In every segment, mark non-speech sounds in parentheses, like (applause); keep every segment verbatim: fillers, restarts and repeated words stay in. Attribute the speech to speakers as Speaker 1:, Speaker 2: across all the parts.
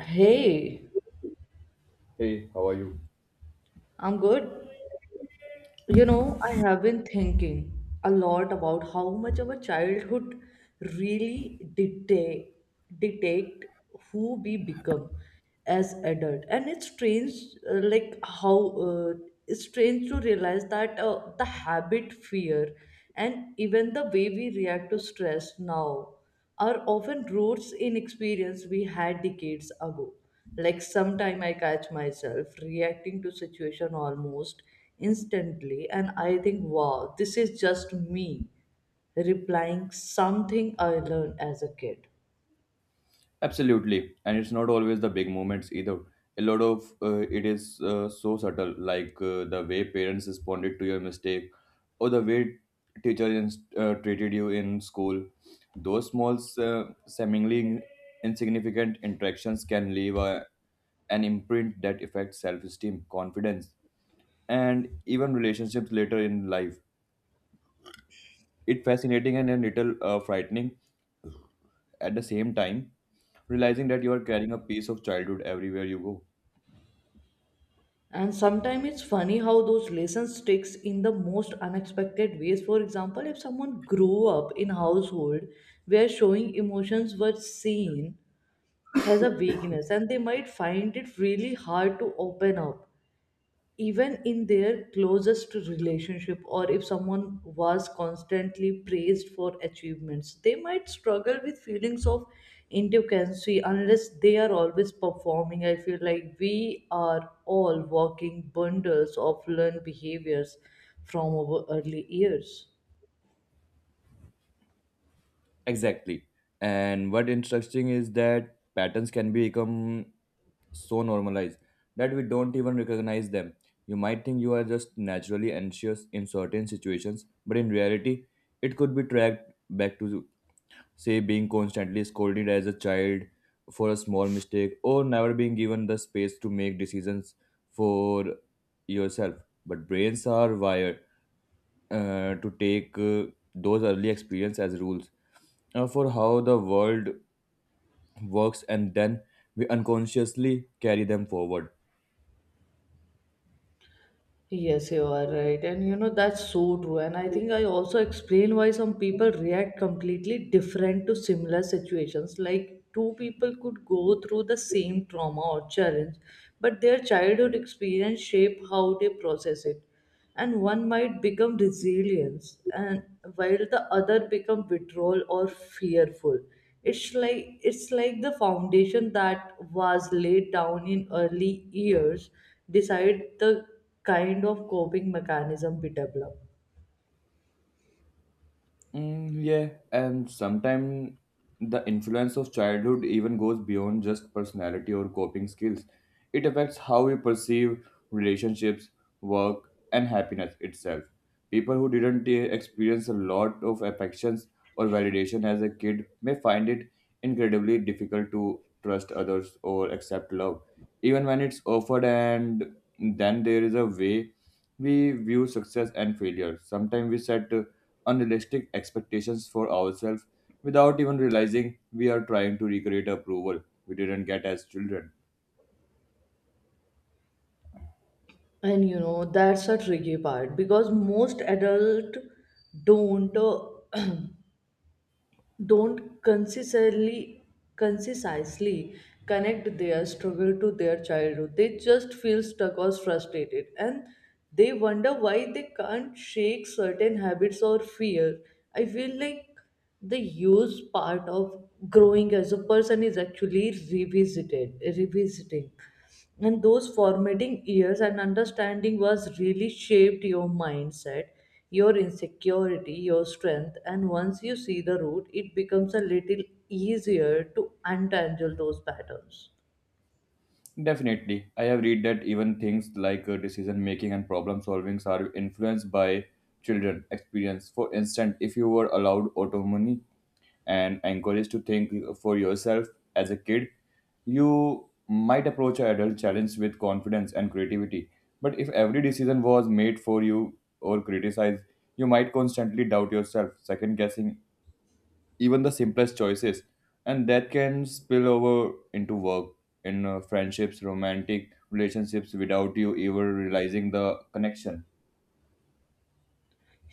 Speaker 1: Hey,
Speaker 2: Hey, how are you?
Speaker 1: I'm good. You know, I have been thinking a lot about how much our childhood really dictate dictate who we become as adult. And it's strange, uh, like how uh, it's strange to realize that uh, the habit, fear, and even the way we react to stress now are often roots in experience we had decades ago. Like sometime I catch myself reacting to situation almost instantly and I think, wow, this is just me replying something I learned as a kid.
Speaker 2: Absolutely. And it's not always the big moments either. A lot of uh, it is uh, so subtle, like uh, the way parents responded to your mistake or the way teacher ins- uh, treated you in school. Those small, uh, seemingly insignificant interactions can leave a, an imprint that affects self esteem, confidence, and even relationships later in life. It's fascinating and a little uh, frightening at the same time, realizing that you are carrying a piece of childhood everywhere you go.
Speaker 1: And sometimes it's funny how those lessons sticks in the most unexpected ways. For example, if someone grew up in household where showing emotions were seen as a weakness, and they might find it really hard to open up even in their closest relationship, or if someone was constantly praised for achievements, they might struggle with feelings of inadequacy unless they are always performing. I feel like we are all walking bundles of learned behaviors from our early years.
Speaker 2: Exactly. And what interesting is that patterns can become so normalized that we don't even recognize them. You might think you are just naturally anxious in certain situations, but in reality, it could be tracked back to, say, being constantly scolded as a child for a small mistake or never being given the space to make decisions for yourself. But brains are wired uh, to take uh, those early experience as rules uh, for how the world works, and then we unconsciously carry them forward.
Speaker 1: Yes, you are right. And you know, that's so true. And I think I also explain why some people react completely different to similar situations. Like two people could go through the same trauma or challenge, but their childhood experience shape how they process it, and one might become resilience and while the other become withdrawal or fearful. It's like it's like the foundation that was laid down in early years decide the kind of coping mechanism we develop.
Speaker 2: Mm, yeah, and sometimes the influence of childhood even goes beyond just personality or coping skills. It affects how we perceive relationships, work, and happiness itself. People who didn't eh, experience a lot of affections or validation as a kid may find it incredibly difficult to trust others or accept love, even when it's offered. And then there is a way we view success and failure. Sometimes we set uh, unrealistic expectations for ourselves without even realizing we are trying to recreate approval we didn't get as children.
Speaker 1: And you know, that's a tricky part because most adult don't. uh, don't consistently concisely connect their struggle to their childhood. They just feel stuck or frustrated and they wonder why they can't shake certain habits or fear. I feel like the use part of growing as a person is actually revisited revisiting and those formative years and understanding was really shaped your mindset, your insecurity, your strength, and once you see the root it becomes a little easier to untangle those patterns.
Speaker 2: Definitely. I have read that even things like uh, decision making and problem solving are influenced by children experience. For instance, if you were allowed autonomy and encouraged to think for yourself as a kid, you might approach an adult challenge with confidence and creativity. But if every decision was made for you or criticized, you might constantly doubt yourself, second guessing even the simplest choices. And that can spill over into work, in uh, friendships, romantic relationships without you ever realizing the connection.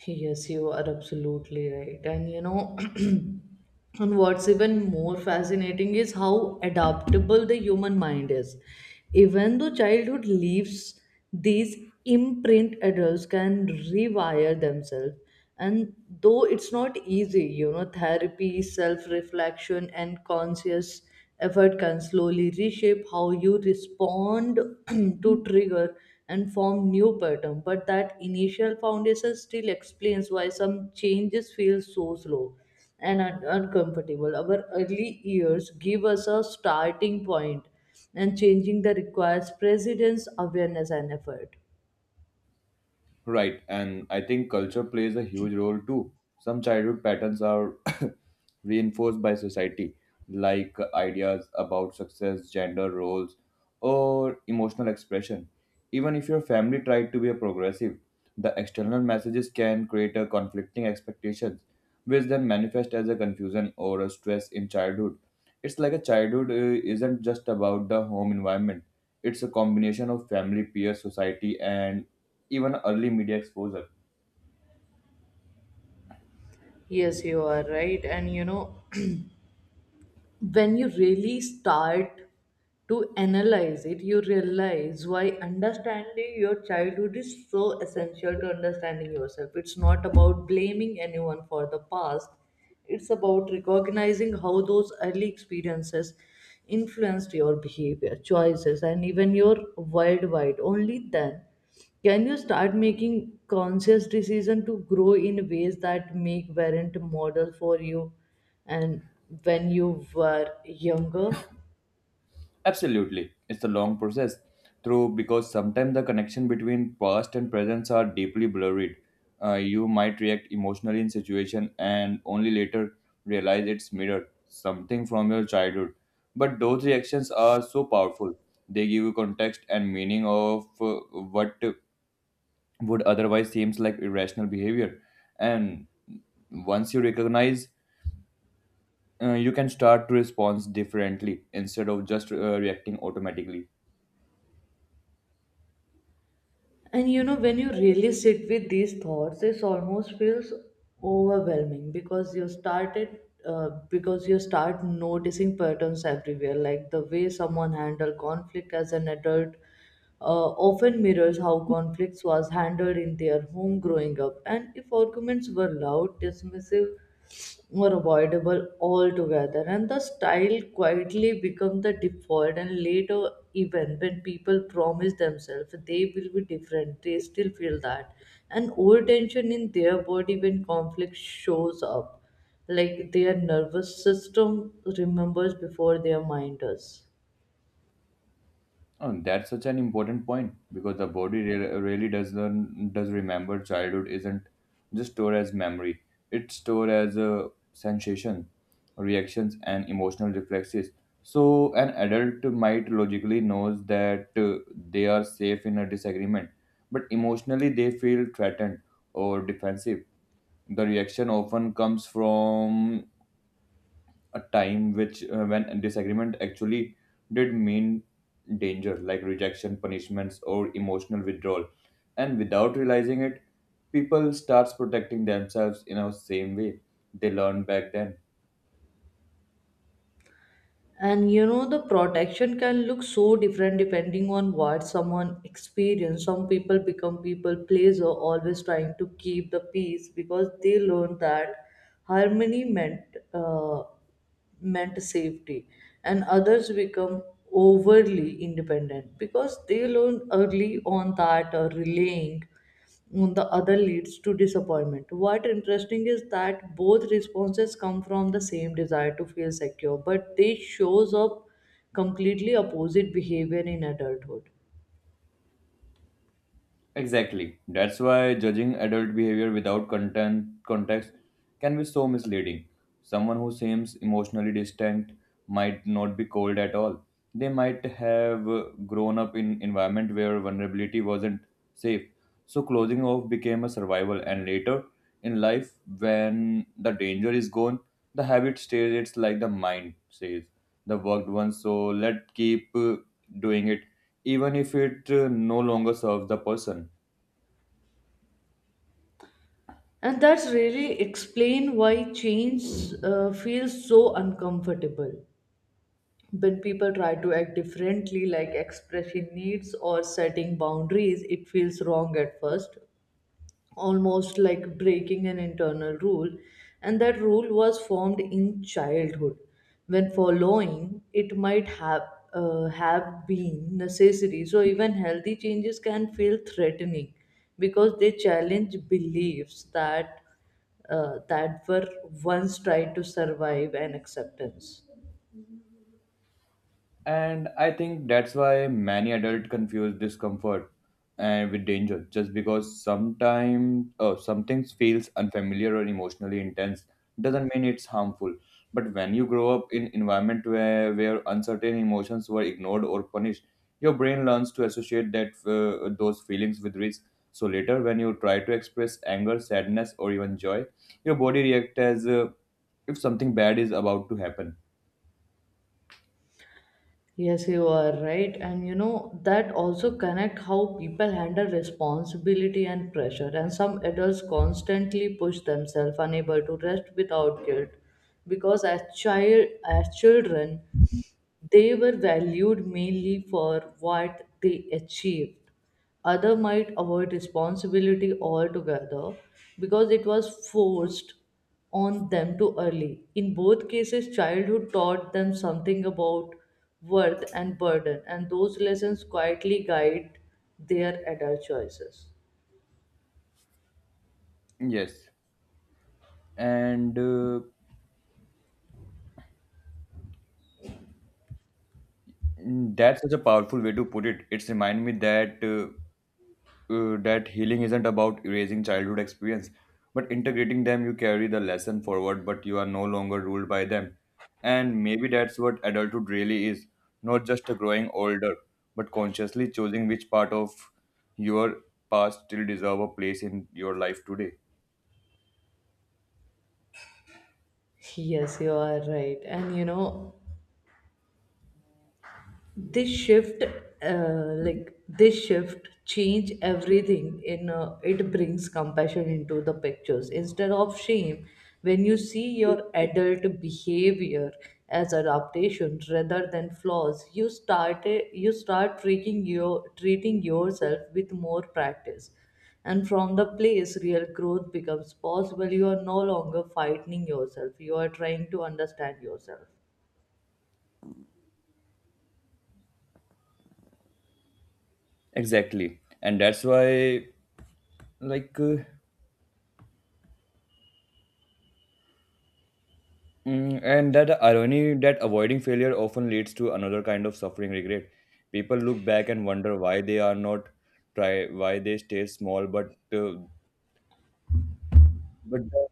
Speaker 1: Yes, you are absolutely right. And you know, (clears throat) and what's even more fascinating is how adaptable the human mind is. Even though childhood leaves, these imprint adults can rewire themselves. And though it's not easy, you know, therapy, self reflection and conscious effort can slowly reshape how you respond (clears throat) to trigger and form new pattern. But that initial foundation still explains why some changes feel so slow and un- uncomfortable. Our early years give us a starting point, and changing the requires precedence awareness and effort.
Speaker 2: Right, and I think culture plays a huge role too. Some childhood patterns are (coughs) reinforced by society, like ideas about success, gender roles, or emotional expression. Even if your family tried to be a progressive, the external messages can create a conflicting expectations, which then manifest as a confusion or a stress in childhood. It's like a childhood uh, isn't just about the home environment; it's a combination of family, peer society, and even early media exposure.
Speaker 1: Yes, you are right. And you know, when you really start to analyze it, you realize why understanding your childhood is so essential to understanding yourself. It's not about blaming anyone for the past, it's about recognizing how those early experiences influenced your behavior, choices, and even your worldwide. Only then can you start making conscious decision to grow in ways that make parent model for you and when you were younger.
Speaker 2: Absolutely, it's a long process. Through because sometimes the connection between past and present are deeply blurred. Uh, you might react emotionally in situation and only later realize it's mirrored something from your childhood. But those reactions are so powerful. They give you context and meaning of uh, what would otherwise seems like irrational behavior. And once you recognize, uh, you can start to respond differently instead of just uh, reacting automatically.
Speaker 1: And you know, when you really sit with these thoughts, it almost feels overwhelming because you started uh, because you start noticing patterns everywhere, like the way someone handled conflict as an adult uh, often mirrors how conflicts was handled in their home growing up. And if arguments were loud, dismissive, or avoidable altogether, and the style quietly become the default, and later even when people promise themselves they will be different, they still feel that and old tension in their body when conflict shows up, like their nervous system remembers before their mind does.
Speaker 2: Oh, that's such an important point because the body re- really does learn, does remember. Childhood isn't just stored as memory; it's stored as a sensation, reactions, and emotional reflexes. So an adult might logically knows that uh, they are safe in a disagreement, but emotionally they feel threatened or defensive. The reaction often comes from a time which uh, when disagreement actually did mean danger like rejection punishments or emotional withdrawal and without realizing it people starts protecting themselves in a same way they learned back then
Speaker 1: And you know, the protection can look so different depending on what someone experienced. Some people become people pleaser, always trying to keep the peace because they learned that harmony meant uh, meant safety, and others become overly independent because they learned early on that uh, relaying on the other leads to disappointment. What interesting is that both responses come from the same desire to feel secure, but they shows up completely opposite behavior in adulthood.
Speaker 2: Exactly. That's why judging adult behavior without content context can be so misleading. Someone who seems emotionally distant might not be cold at all. They might have uh, grown up in environment where vulnerability wasn't safe. So closing off became a survival, and later in life, when the danger is gone, the habit stays. It's like the mind says the worked once, so let keep uh, doing it, even if it uh, no longer serves the person.
Speaker 1: And that's really explain why change uh, feels so uncomfortable. When people try to act differently, like expressing needs or setting boundaries, it feels wrong at first, almost like breaking an internal rule, and that rule was formed in childhood when following it might have uh, have been necessary. So even healthy changes can feel threatening because they challenge beliefs that uh, that were once tried to survive and acceptance.
Speaker 2: And I think that's why many adults confuse discomfort and with danger. Just because sometimes oh, something feels unfamiliar or emotionally intense doesn't mean it's harmful. But when you grow up in environment where, where uncertain emotions were ignored or punished, your brain learns to associate that, uh, those feelings with risk. So later, when you try to express anger, sadness, or even joy, your body reacts as uh, if something bad is about to happen.
Speaker 1: Yes, you are right. And you know, that also connect how people handle responsibility and pressure. And some adults constantly push themselves, unable to rest without guilt. Because as child as children, they were valued mainly for what they achieved. Other might avoid responsibility altogether because it was forced on them too early. In both cases, childhood taught them something about worth and burden, and those lessons quietly guide their adult choices.
Speaker 2: Yes. and uh, mm, that's such a powerful way to put it it's remind me that uh, uh, that healing isn't about erasing childhood experience, but integrating them. You carry the lesson forward, but you are no longer ruled by them. And maybe that's what adulthood really is: not just a growing older, but consciously choosing which part of your past still deserve a place in your life today.
Speaker 1: Yes, you are right. And you know, this shift uh, like this shift change everything in, uh, it brings compassion into the pictures instead of shame. When you see your adult behavior as adaptation rather than flaws, you start uh, you start treating your treating yourself with more practice, and from the place real growth becomes possible. You are no longer fighting yourself, you are trying to understand yourself.
Speaker 2: Exactly, and that's why, like uh, Mm, and that irony, that avoiding failure often leads to another kind of suffering, regret. People look back and wonder why they are not try, why they stay small, but uh, but the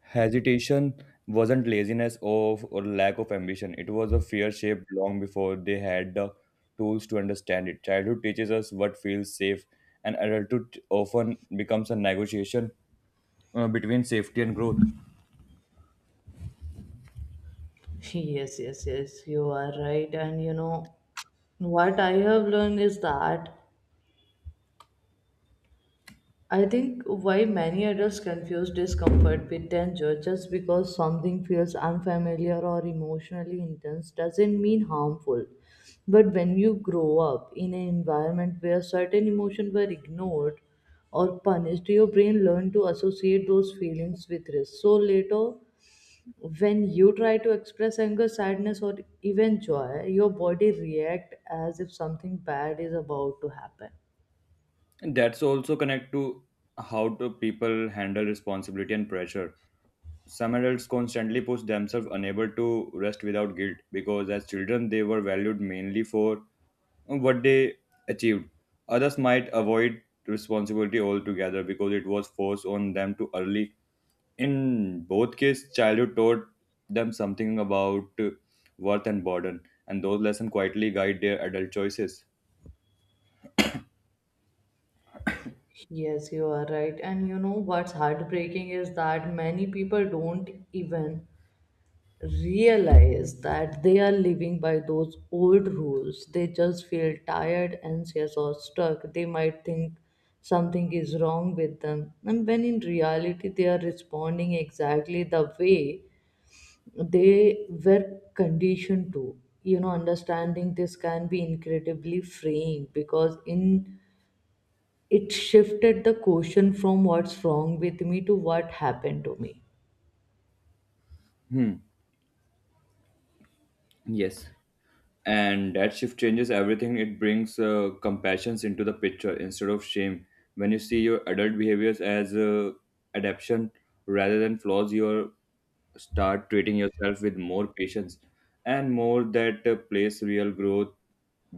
Speaker 2: hesitation wasn't laziness of or lack of ambition. It was a fear shaped long before they had the tools to understand it. Childhood teaches us what feels safe, and adulthood often becomes a negotiation uh, between safety and growth.
Speaker 1: Yes, yes, yes, you are right. And you know, what I have learned is that I think why many adults confuse discomfort with danger. Just because something feels unfamiliar or emotionally intense doesn't mean harmful. But when you grow up in an environment where certain emotions were ignored or punished, your brain learned to associate those feelings with risk. So later, when you try to express anger, sadness, or even joy, your body react as if something bad is about to happen.
Speaker 2: That's also connect to how do people handle responsibility and pressure. Some adults constantly push themselves, unable to rest without guilt, because as children they were valued mainly for what they achieved. Others might avoid responsibility altogether because it was forced on them too early. In both cases, childhood taught them something about uh, worth and burden, and those lessons quietly guide their adult choices.
Speaker 1: Yes, you are right. And you know, what's heartbreaking is that many people don't even realize that they are living by those old rules. They just feel tired, anxious or stuck. They might think something is wrong with them, and when in reality they are responding exactly the way they were conditioned to. You know, understanding this can be incredibly freeing because in it shifted the question from what's wrong with me to what happened to me.
Speaker 2: Hmm. Yes. And that shift changes everything. It brings uh, compassions into the picture instead of shame. When you see your adult behaviors as uh, adaption rather than flaws, you start treating yourself with more patience, and more that uh, place real growth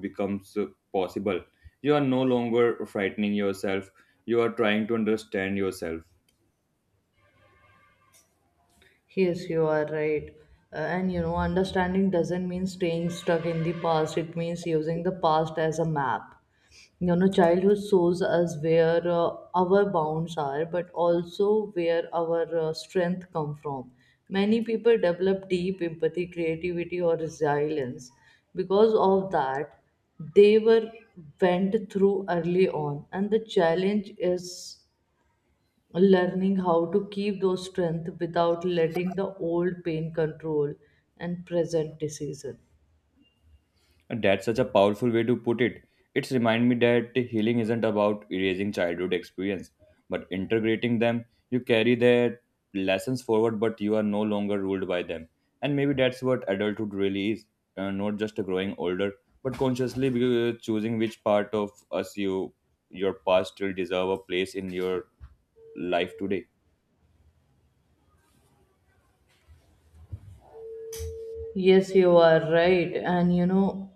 Speaker 2: becomes uh, possible. You are no longer frightening yourself, you are trying to understand yourself.
Speaker 1: Yes, you are right. Uh, and you know, understanding doesn't mean staying stuck in the past, it means using the past as a map. You know, childhood shows us where uh, our bounds are, but also where our uh, strength come from. Many people develop deep empathy, creativity, or resilience because of that they were went through early on. And the challenge is learning how to keep those strength without letting the old pain control and present decision.
Speaker 2: That's such a powerful way to put it. It's remind me that healing isn't about erasing childhood experience, but integrating them. You carry their lessons forward, but you are no longer ruled by them. And maybe that's what adulthood really is, uh, not just growing older, but consciously uh, choosing which part of us you your past still deserve a place in your life today.
Speaker 1: Yes, you are right. And you know,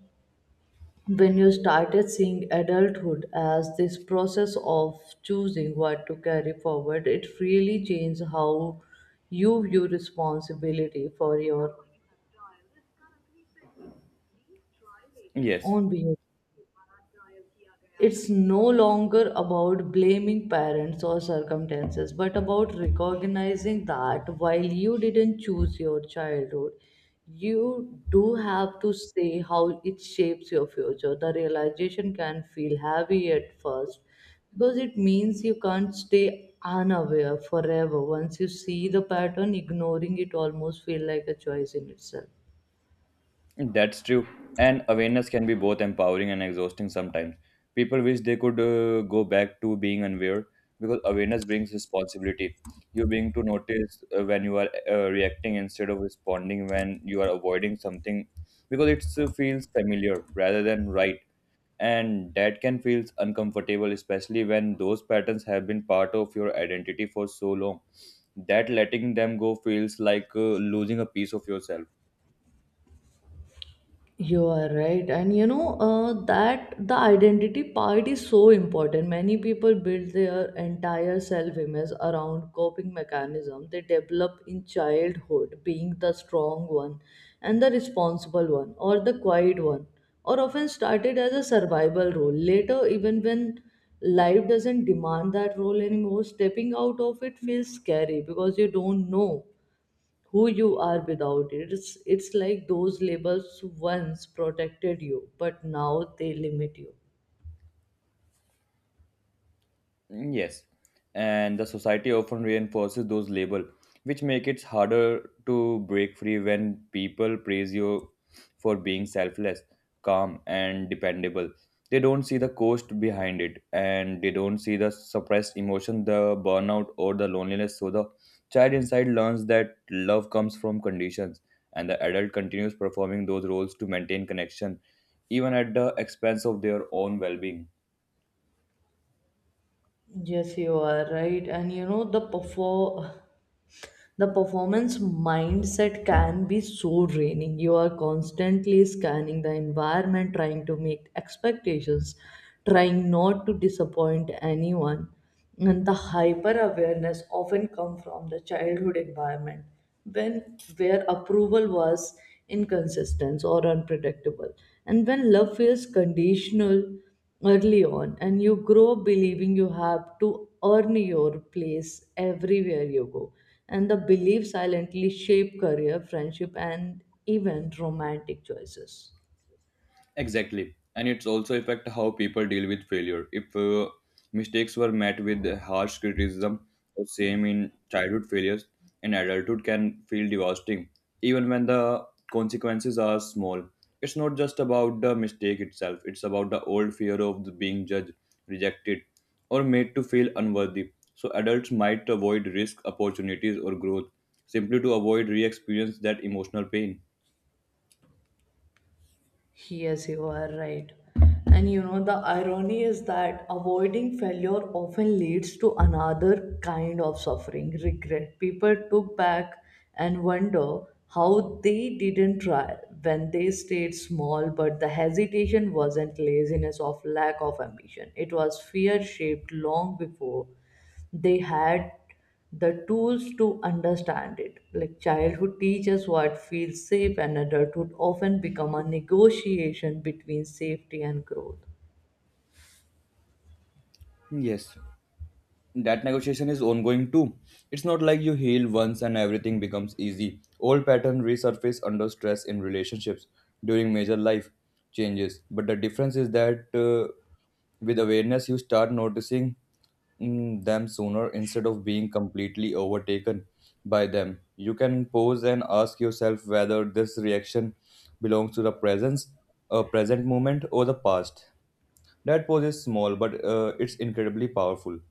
Speaker 1: when you started seeing adulthood as this process of choosing what to carry forward, it really changed how you view responsibility for your
Speaker 2: Yes.
Speaker 1: own behavior. It's no longer about blaming parents or circumstances, but about recognizing that while you didn't choose your childhood, you do have to say how it shapes your future. The realization can feel heavy at first because it means you can't stay unaware forever. Once you see the pattern, ignoring it almost feels like a choice in itself.
Speaker 2: That's true. And awareness can be both empowering and exhausting sometimes. People wish they could uh, go back to being unaware, because awareness brings responsibility. You being to notice uh, when you are uh, reacting instead of responding, when you are avoiding something because it uh, feels familiar rather than right. And that can feel uncomfortable, especially when those patterns have been part of your identity for so long. That letting them go feels like uh, losing a piece of yourself.
Speaker 1: You are right, and you know, uh, that the identity part is so important. Many people build their entire self-image around coping mechanism they develop in childhood, being the strong one, and the responsible one, or the quiet one, or often started as a survival role. Later, even when life doesn't demand that role anymore, stepping out of it feels scary because you don't know who you are without it. It's, it's like those labels once protected you, but now they limit you.
Speaker 2: Mm, yes, and the society often reinforces those labels, which make it harder to break free when people praise you for being selfless, calm, and dependable. They don't see the cost behind it, and they don't see the suppressed emotion, the burnout, or the loneliness. So the child inside learns that love comes from conditions, and the adult continues performing those roles to maintain connection, even at the expense of their own well-being.
Speaker 1: Yes, you are right. And you know, the perform. the performance mindset can be so draining. You are constantly scanning the environment, trying to meet expectations, trying not to disappoint anyone, and the hyper awareness often come from the childhood environment when where approval was inconsistent or unpredictable. And when love feels conditional early on, and you grow believing you have to earn your place everywhere you go, and the belief silently shape career, friendship, and even romantic choices.
Speaker 2: Exactly. And it's also affect how people deal with failure. If uh, mistakes were met with harsh criticism or same in childhood failures, in adulthood can feel devastating, even when the consequences are small. It's not just about the mistake itself, it's about the old fear of the being judged, rejected, or made to feel unworthy. So adults might avoid risk, opportunities, or growth simply to avoid re experience that emotional pain.
Speaker 1: Yes, you are right. And you know, the irony is that avoiding failure often leads to another kind of suffering, regret. People took back and wonder how they didn't try when they stayed small, but the hesitation wasn't laziness of lack of ambition. It was fear shaped long before they had the tools to understand it. Like childhood teaches what feels safe, and adulthood often become a negotiation between safety and growth.
Speaker 2: Yes. That negotiation is ongoing too. It's not like you heal once and everything becomes easy. Old patterns resurface under stress in relationships during major life changes. But the difference is that, uh, with awareness, you start noticing mm, them sooner instead of being completely overtaken by them. You can pause and ask yourself whether this reaction belongs to the presence, uh, present moment, or the past. That pause is small, but uh, it's incredibly powerful.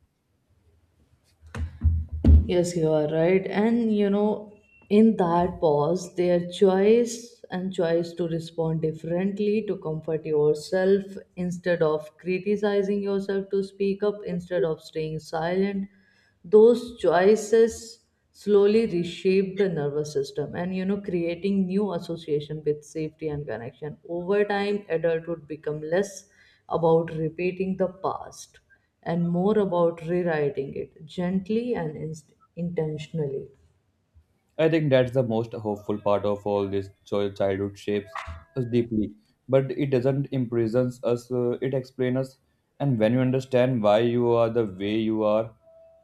Speaker 1: Yes, you are right. And you know, in that pause, their choice and choice to respond differently, to comfort yourself instead of criticizing yourself, to speak up instead of staying silent, those choices slowly reshape the nervous system. And you know, creating new association with safety and connection over time, adulthood become less about repeating the past and more about rewriting it gently and inst- intentionally.
Speaker 2: I think that's the most hopeful part of all this. So childhood shapes us deeply, but it doesn't imprison us, uh, it explains us. And when you understand why you are the way you are,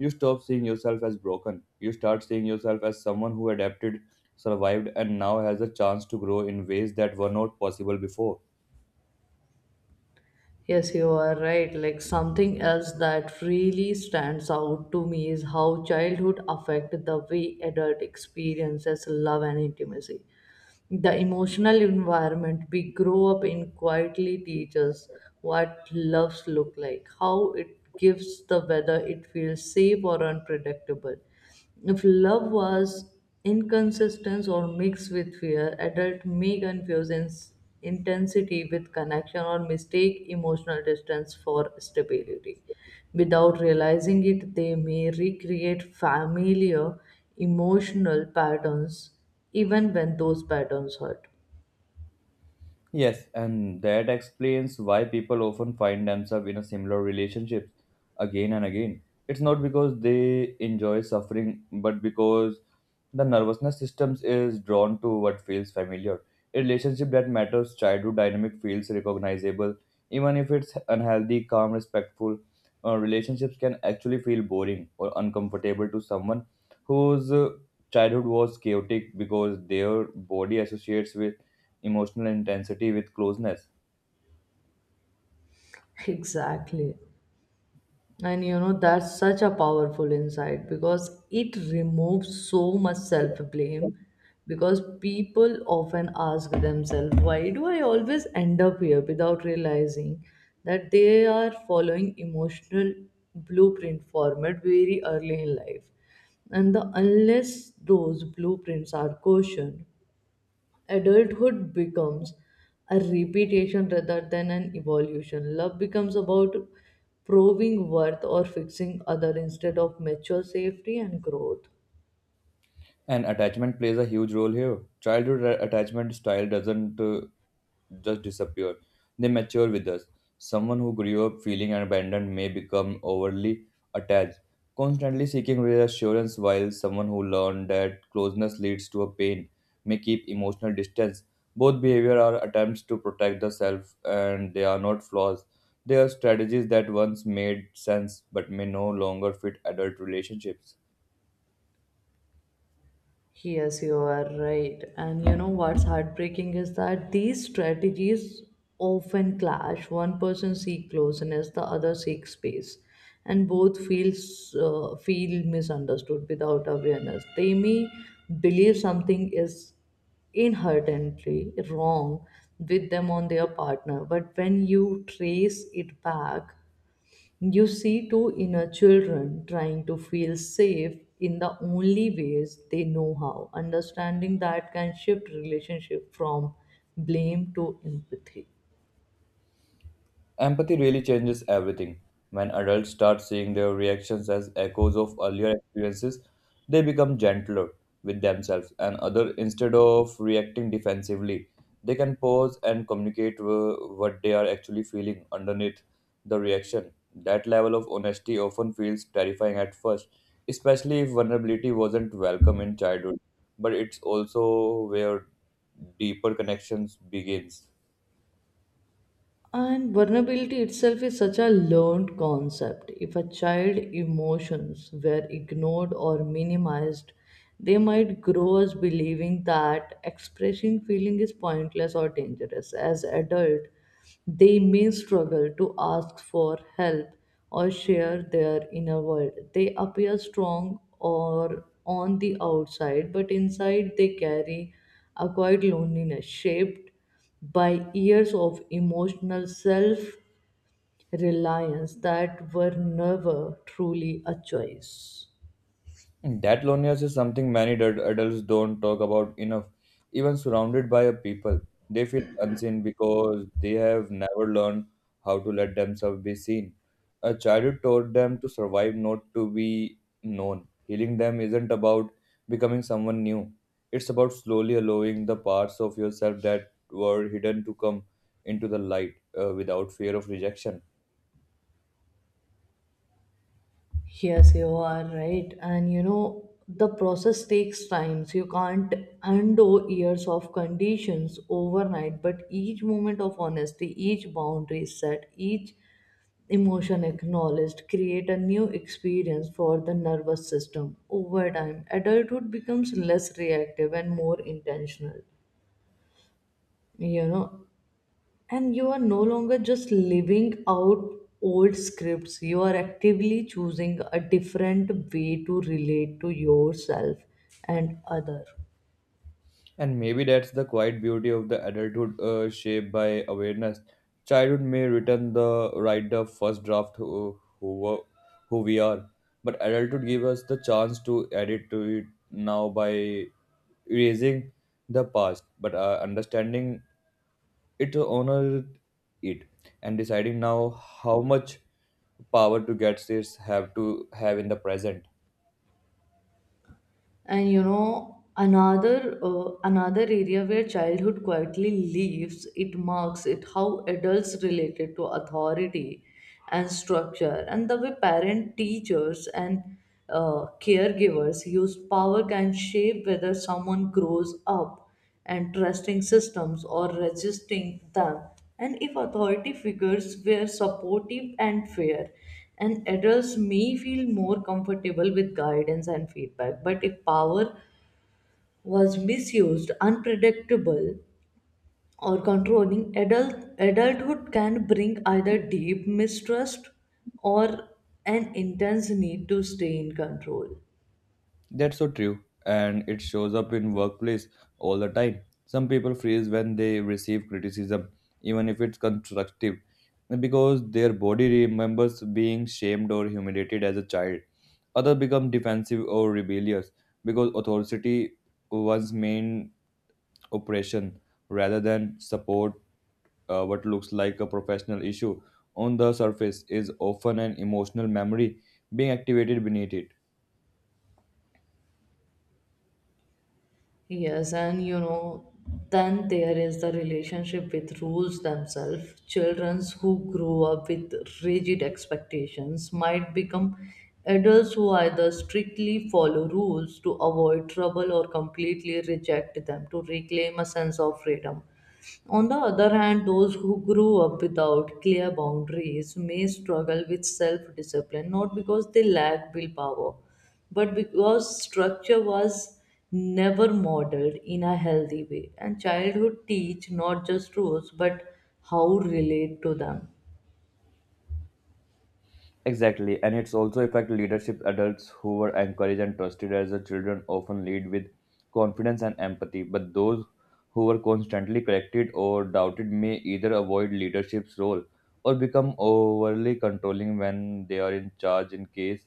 Speaker 2: you stop seeing yourself as broken. You start seeing yourself as someone who adapted, survived, and now has a chance to grow in ways that were not possible before.
Speaker 1: Yes, you are right. Like something else that really stands out to me is how childhood affected the way adult experiences love and intimacy. The emotional environment we grow up in quietly teaches what loves look like, how it gives the whether it feels safe or unpredictable. If love was inconsistent or mixed with fear, adult may confuse ins- intensity with connection or mistake emotional distance for stability. Without realizing it, they may recreate familiar emotional patterns even when those patterns hurt.
Speaker 2: Yes, and that explains why people often find themselves in a similar relationship again and again. It's not because they enjoy suffering, but because the nervousness systems is drawn to what feels familiar. A relationship that matters, childhood dynamic feels recognizable, even if it's unhealthy, calm, respectful. Uh, relationships can actually feel boring or uncomfortable to someone whose uh, childhood was chaotic because their body associates with emotional intensity with closeness.
Speaker 1: (laughs) Exactly. And you know, that's such a powerful insight because it removes so much self blame. Because people often ask themselves, why do I always end up here without realizing that they are following emotional blueprint format very early in life? And the, unless those blueprints are cautioned, adulthood becomes a repetition rather than an evolution. Love becomes about proving worth or fixing other instead of mature safety and growth.
Speaker 2: And attachment plays a huge role here. Childhood a- attachment style doesn't uh, just disappear, they mature with us. Someone who grew up feeling abandoned may become overly attached, constantly seeking reassurance, while someone who learned that closeness leads to a pain may keep emotional distance. Both behavior are attempts to protect the self, and they are not flaws. They are strategies that once made sense but may no longer fit adult relationships.
Speaker 1: Yes, you are right. And you know what's heartbreaking is that these strategies often clash. One person seeks closeness, the other seeks space, and both feels uh, feel misunderstood without awareness. They may believe something is inherently wrong with them on their partner, but when you trace it back you see two inner children trying to feel safe in the only ways they know how. Understanding that can shift relationship from blame to empathy.
Speaker 2: Empathy really changes everything. When adults start seeing their reactions as echoes of earlier experiences, they become gentler with themselves and other instead of reacting defensively. They can pause and communicate wh- what they are actually feeling underneath the reaction. That level of honesty often feels terrifying at first, especially if vulnerability wasn't welcome in childhood, but it's also where deeper connections begins.
Speaker 1: And vulnerability itself is such a learned concept. If a child emotions were ignored or minimized, they might grow as believing that expressing feeling is pointless or dangerous. As adult, they may struggle to ask for help or share their inner world. They appear strong or on the outside, but inside they carry a quiet loneliness shaped by years of emotional self reliance that were never truly a choice.
Speaker 2: And that loneliness is something many ad- adults don't talk about enough. Even surrounded by a people, they feel unseen because they have never learned how to let themselves be seen. A childhood taught them to survive, not to be known. Healing them isn't about becoming someone new. It's about slowly allowing the parts of yourself that were hidden to come into the light uh, without fear of rejection.
Speaker 1: Yes, you are right. And you know, the process takes time. So you can't undo years of conditions overnight, but each moment of honesty, each boundary set, each emotion acknowledged create a new experience for the nervous system over time adulthood becomes less reactive and more intentional, you know. And you are no longer just living out old scripts, you are actively choosing a different way to relate to yourself and other.
Speaker 2: And maybe that's the quiet beauty of the adulthood uh, shaped by awareness. Childhood may return the write the first draft who, who, were- who we are, but adulthood gives us the chance to edit to it now by erasing the past, but uh, understanding it, to honor it, and deciding now how much power to get this have to have in the present.
Speaker 1: And you know, another uh, another area where childhood quietly leaves it marks it how adults related to authority and structure and the way parent teachers and uh, caregivers use power can shape whether someone grows up and trusting systems or resisting them, and if authority figures were supportive and fair, and adults may feel more comfortable with guidance and feedback. But if power was misused, unpredictable, or controlling, adult, adulthood can bring either deep mistrust or an intense need to stay in control.
Speaker 2: That's so true, and it shows up in workplace all the time. Some people freeze when they receive criticism, even if it's constructive, because their body remembers being shamed or humiliated as a child. Others become defensive or rebellious because authority was main oppression rather than support. Uh, what looks like a professional issue on the surface is often an emotional memory being activated beneath it.
Speaker 1: Yes, and you know, then there is the relationship with rules themselves. Children who grow up with rigid expectations might become adults who either strictly follow rules to avoid trouble or completely reject them to reclaim a sense of freedom. On the other hand, those who grew up without clear boundaries may struggle with self discipline not because they lack willpower, but because structure was never modeled in a healthy way and childhood teach not just rules but how relate to them.
Speaker 2: Exactly, and it's also affect leadership. Adults who were encouraged and trusted as a children often lead with confidence and empathy, but those who were constantly corrected or doubted may either avoid leadership's role or become overly controlling when they are in charge. In case,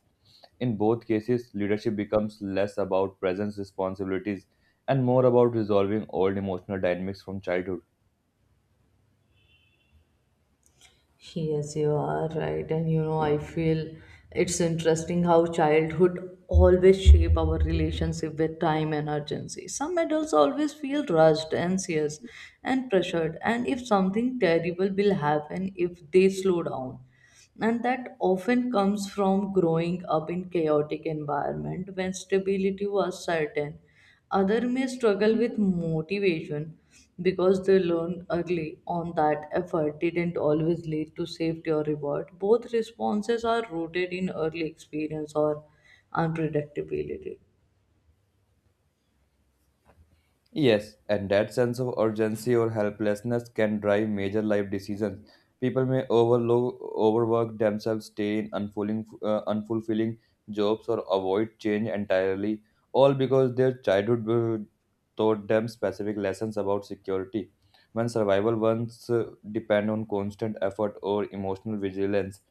Speaker 2: In both cases, leadership becomes less about presence responsibilities and more about resolving old emotional dynamics from childhood.
Speaker 1: Yes, you are right. And you know, I feel it's interesting how childhood always shape our relationship with time and urgency. Some adults always feel rushed, anxious, and pressured, and if something terrible will happen if they slow down. And that often comes from growing up in chaotic environment when stability was certain other may struggle with motivation because they learned early on that effort didn't always lead to safety or reward both responses are rooted in early experience or unpredictability
Speaker 2: Yes, and that sense of urgency or helplessness can drive major life decisions. People may overlook, overwork themselves, stay in unfulfilling, uh, unfulfilling jobs, or avoid change entirely, all because their childhood uh, taught them specific lessons about security. When survival once uh, depend on constant effort or emotional vigilance,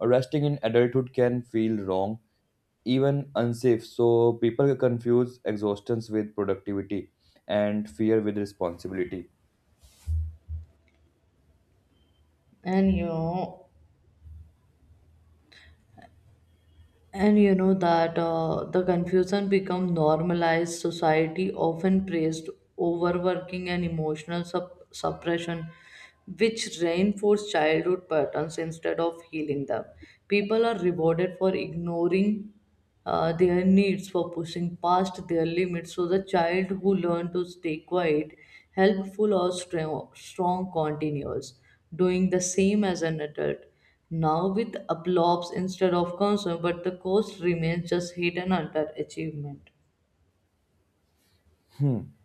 Speaker 2: resting in adulthood can feel wrong even unsafe. So people confuse exhaustions with productivity and fear with responsibility.
Speaker 1: and you know. And you know that uh, the confusion become normalized. Society often praised overworking and emotional sup- suppression, which reinforce childhood patterns instead of healing them. People are rewarded for ignoring uh, their needs for pushing past their limits. So, the child who learns to stay quiet, helpful, or strong, strong continues doing the same as an adult. Now, with applause instead of concern, but the cost remains just hidden under achievement.
Speaker 2: Hmm.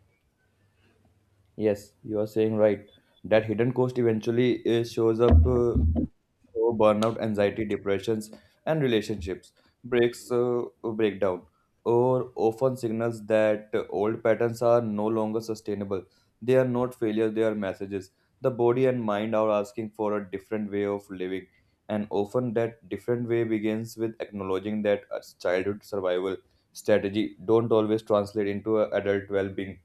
Speaker 2: Yes, you are saying right. That hidden cost eventually uh, shows up uh, through burnout, anxiety, depressions, and relationships breaks uh, breakdown, or often signals that uh, old patterns are no longer sustainable. They are not failures; they are messages. The body and mind are asking for a different way of living, and often that different way begins with acknowledging that a childhood survival strategy don't always translate into a adult well-being.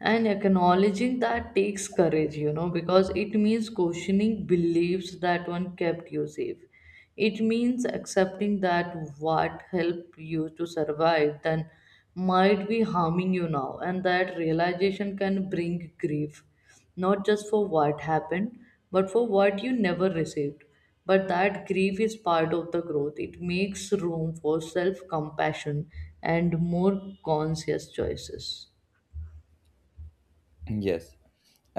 Speaker 1: And acknowledging that takes courage, you know, because it means questioning beliefs that one kept you safe it means accepting that what helped you to survive then might be harming you now and that realization can bring grief not just for what happened but for what you never received but that grief is part of the growth it makes room for self compassion and more conscious choices.
Speaker 2: (clears throat) Yes.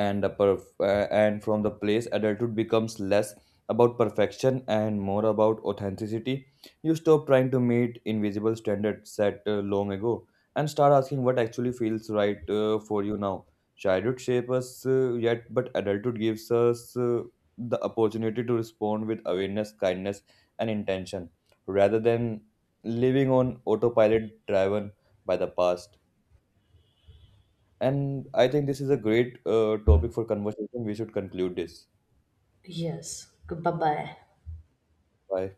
Speaker 2: And a perf- uh, and from the place adulthood becomes less about perfection and more about authenticity. You stop trying to meet invisible standards set uh, long ago and start asking what actually feels right uh, for you now. Childhood shapes us uh, yet but adulthood gives us uh, the opportunity to respond with awareness kindness and intention rather than living on autopilot driven by the past. And I think this is a great uh, topic for conversation. We should conclude this.
Speaker 1: Yes. Bye bye.
Speaker 2: Bye.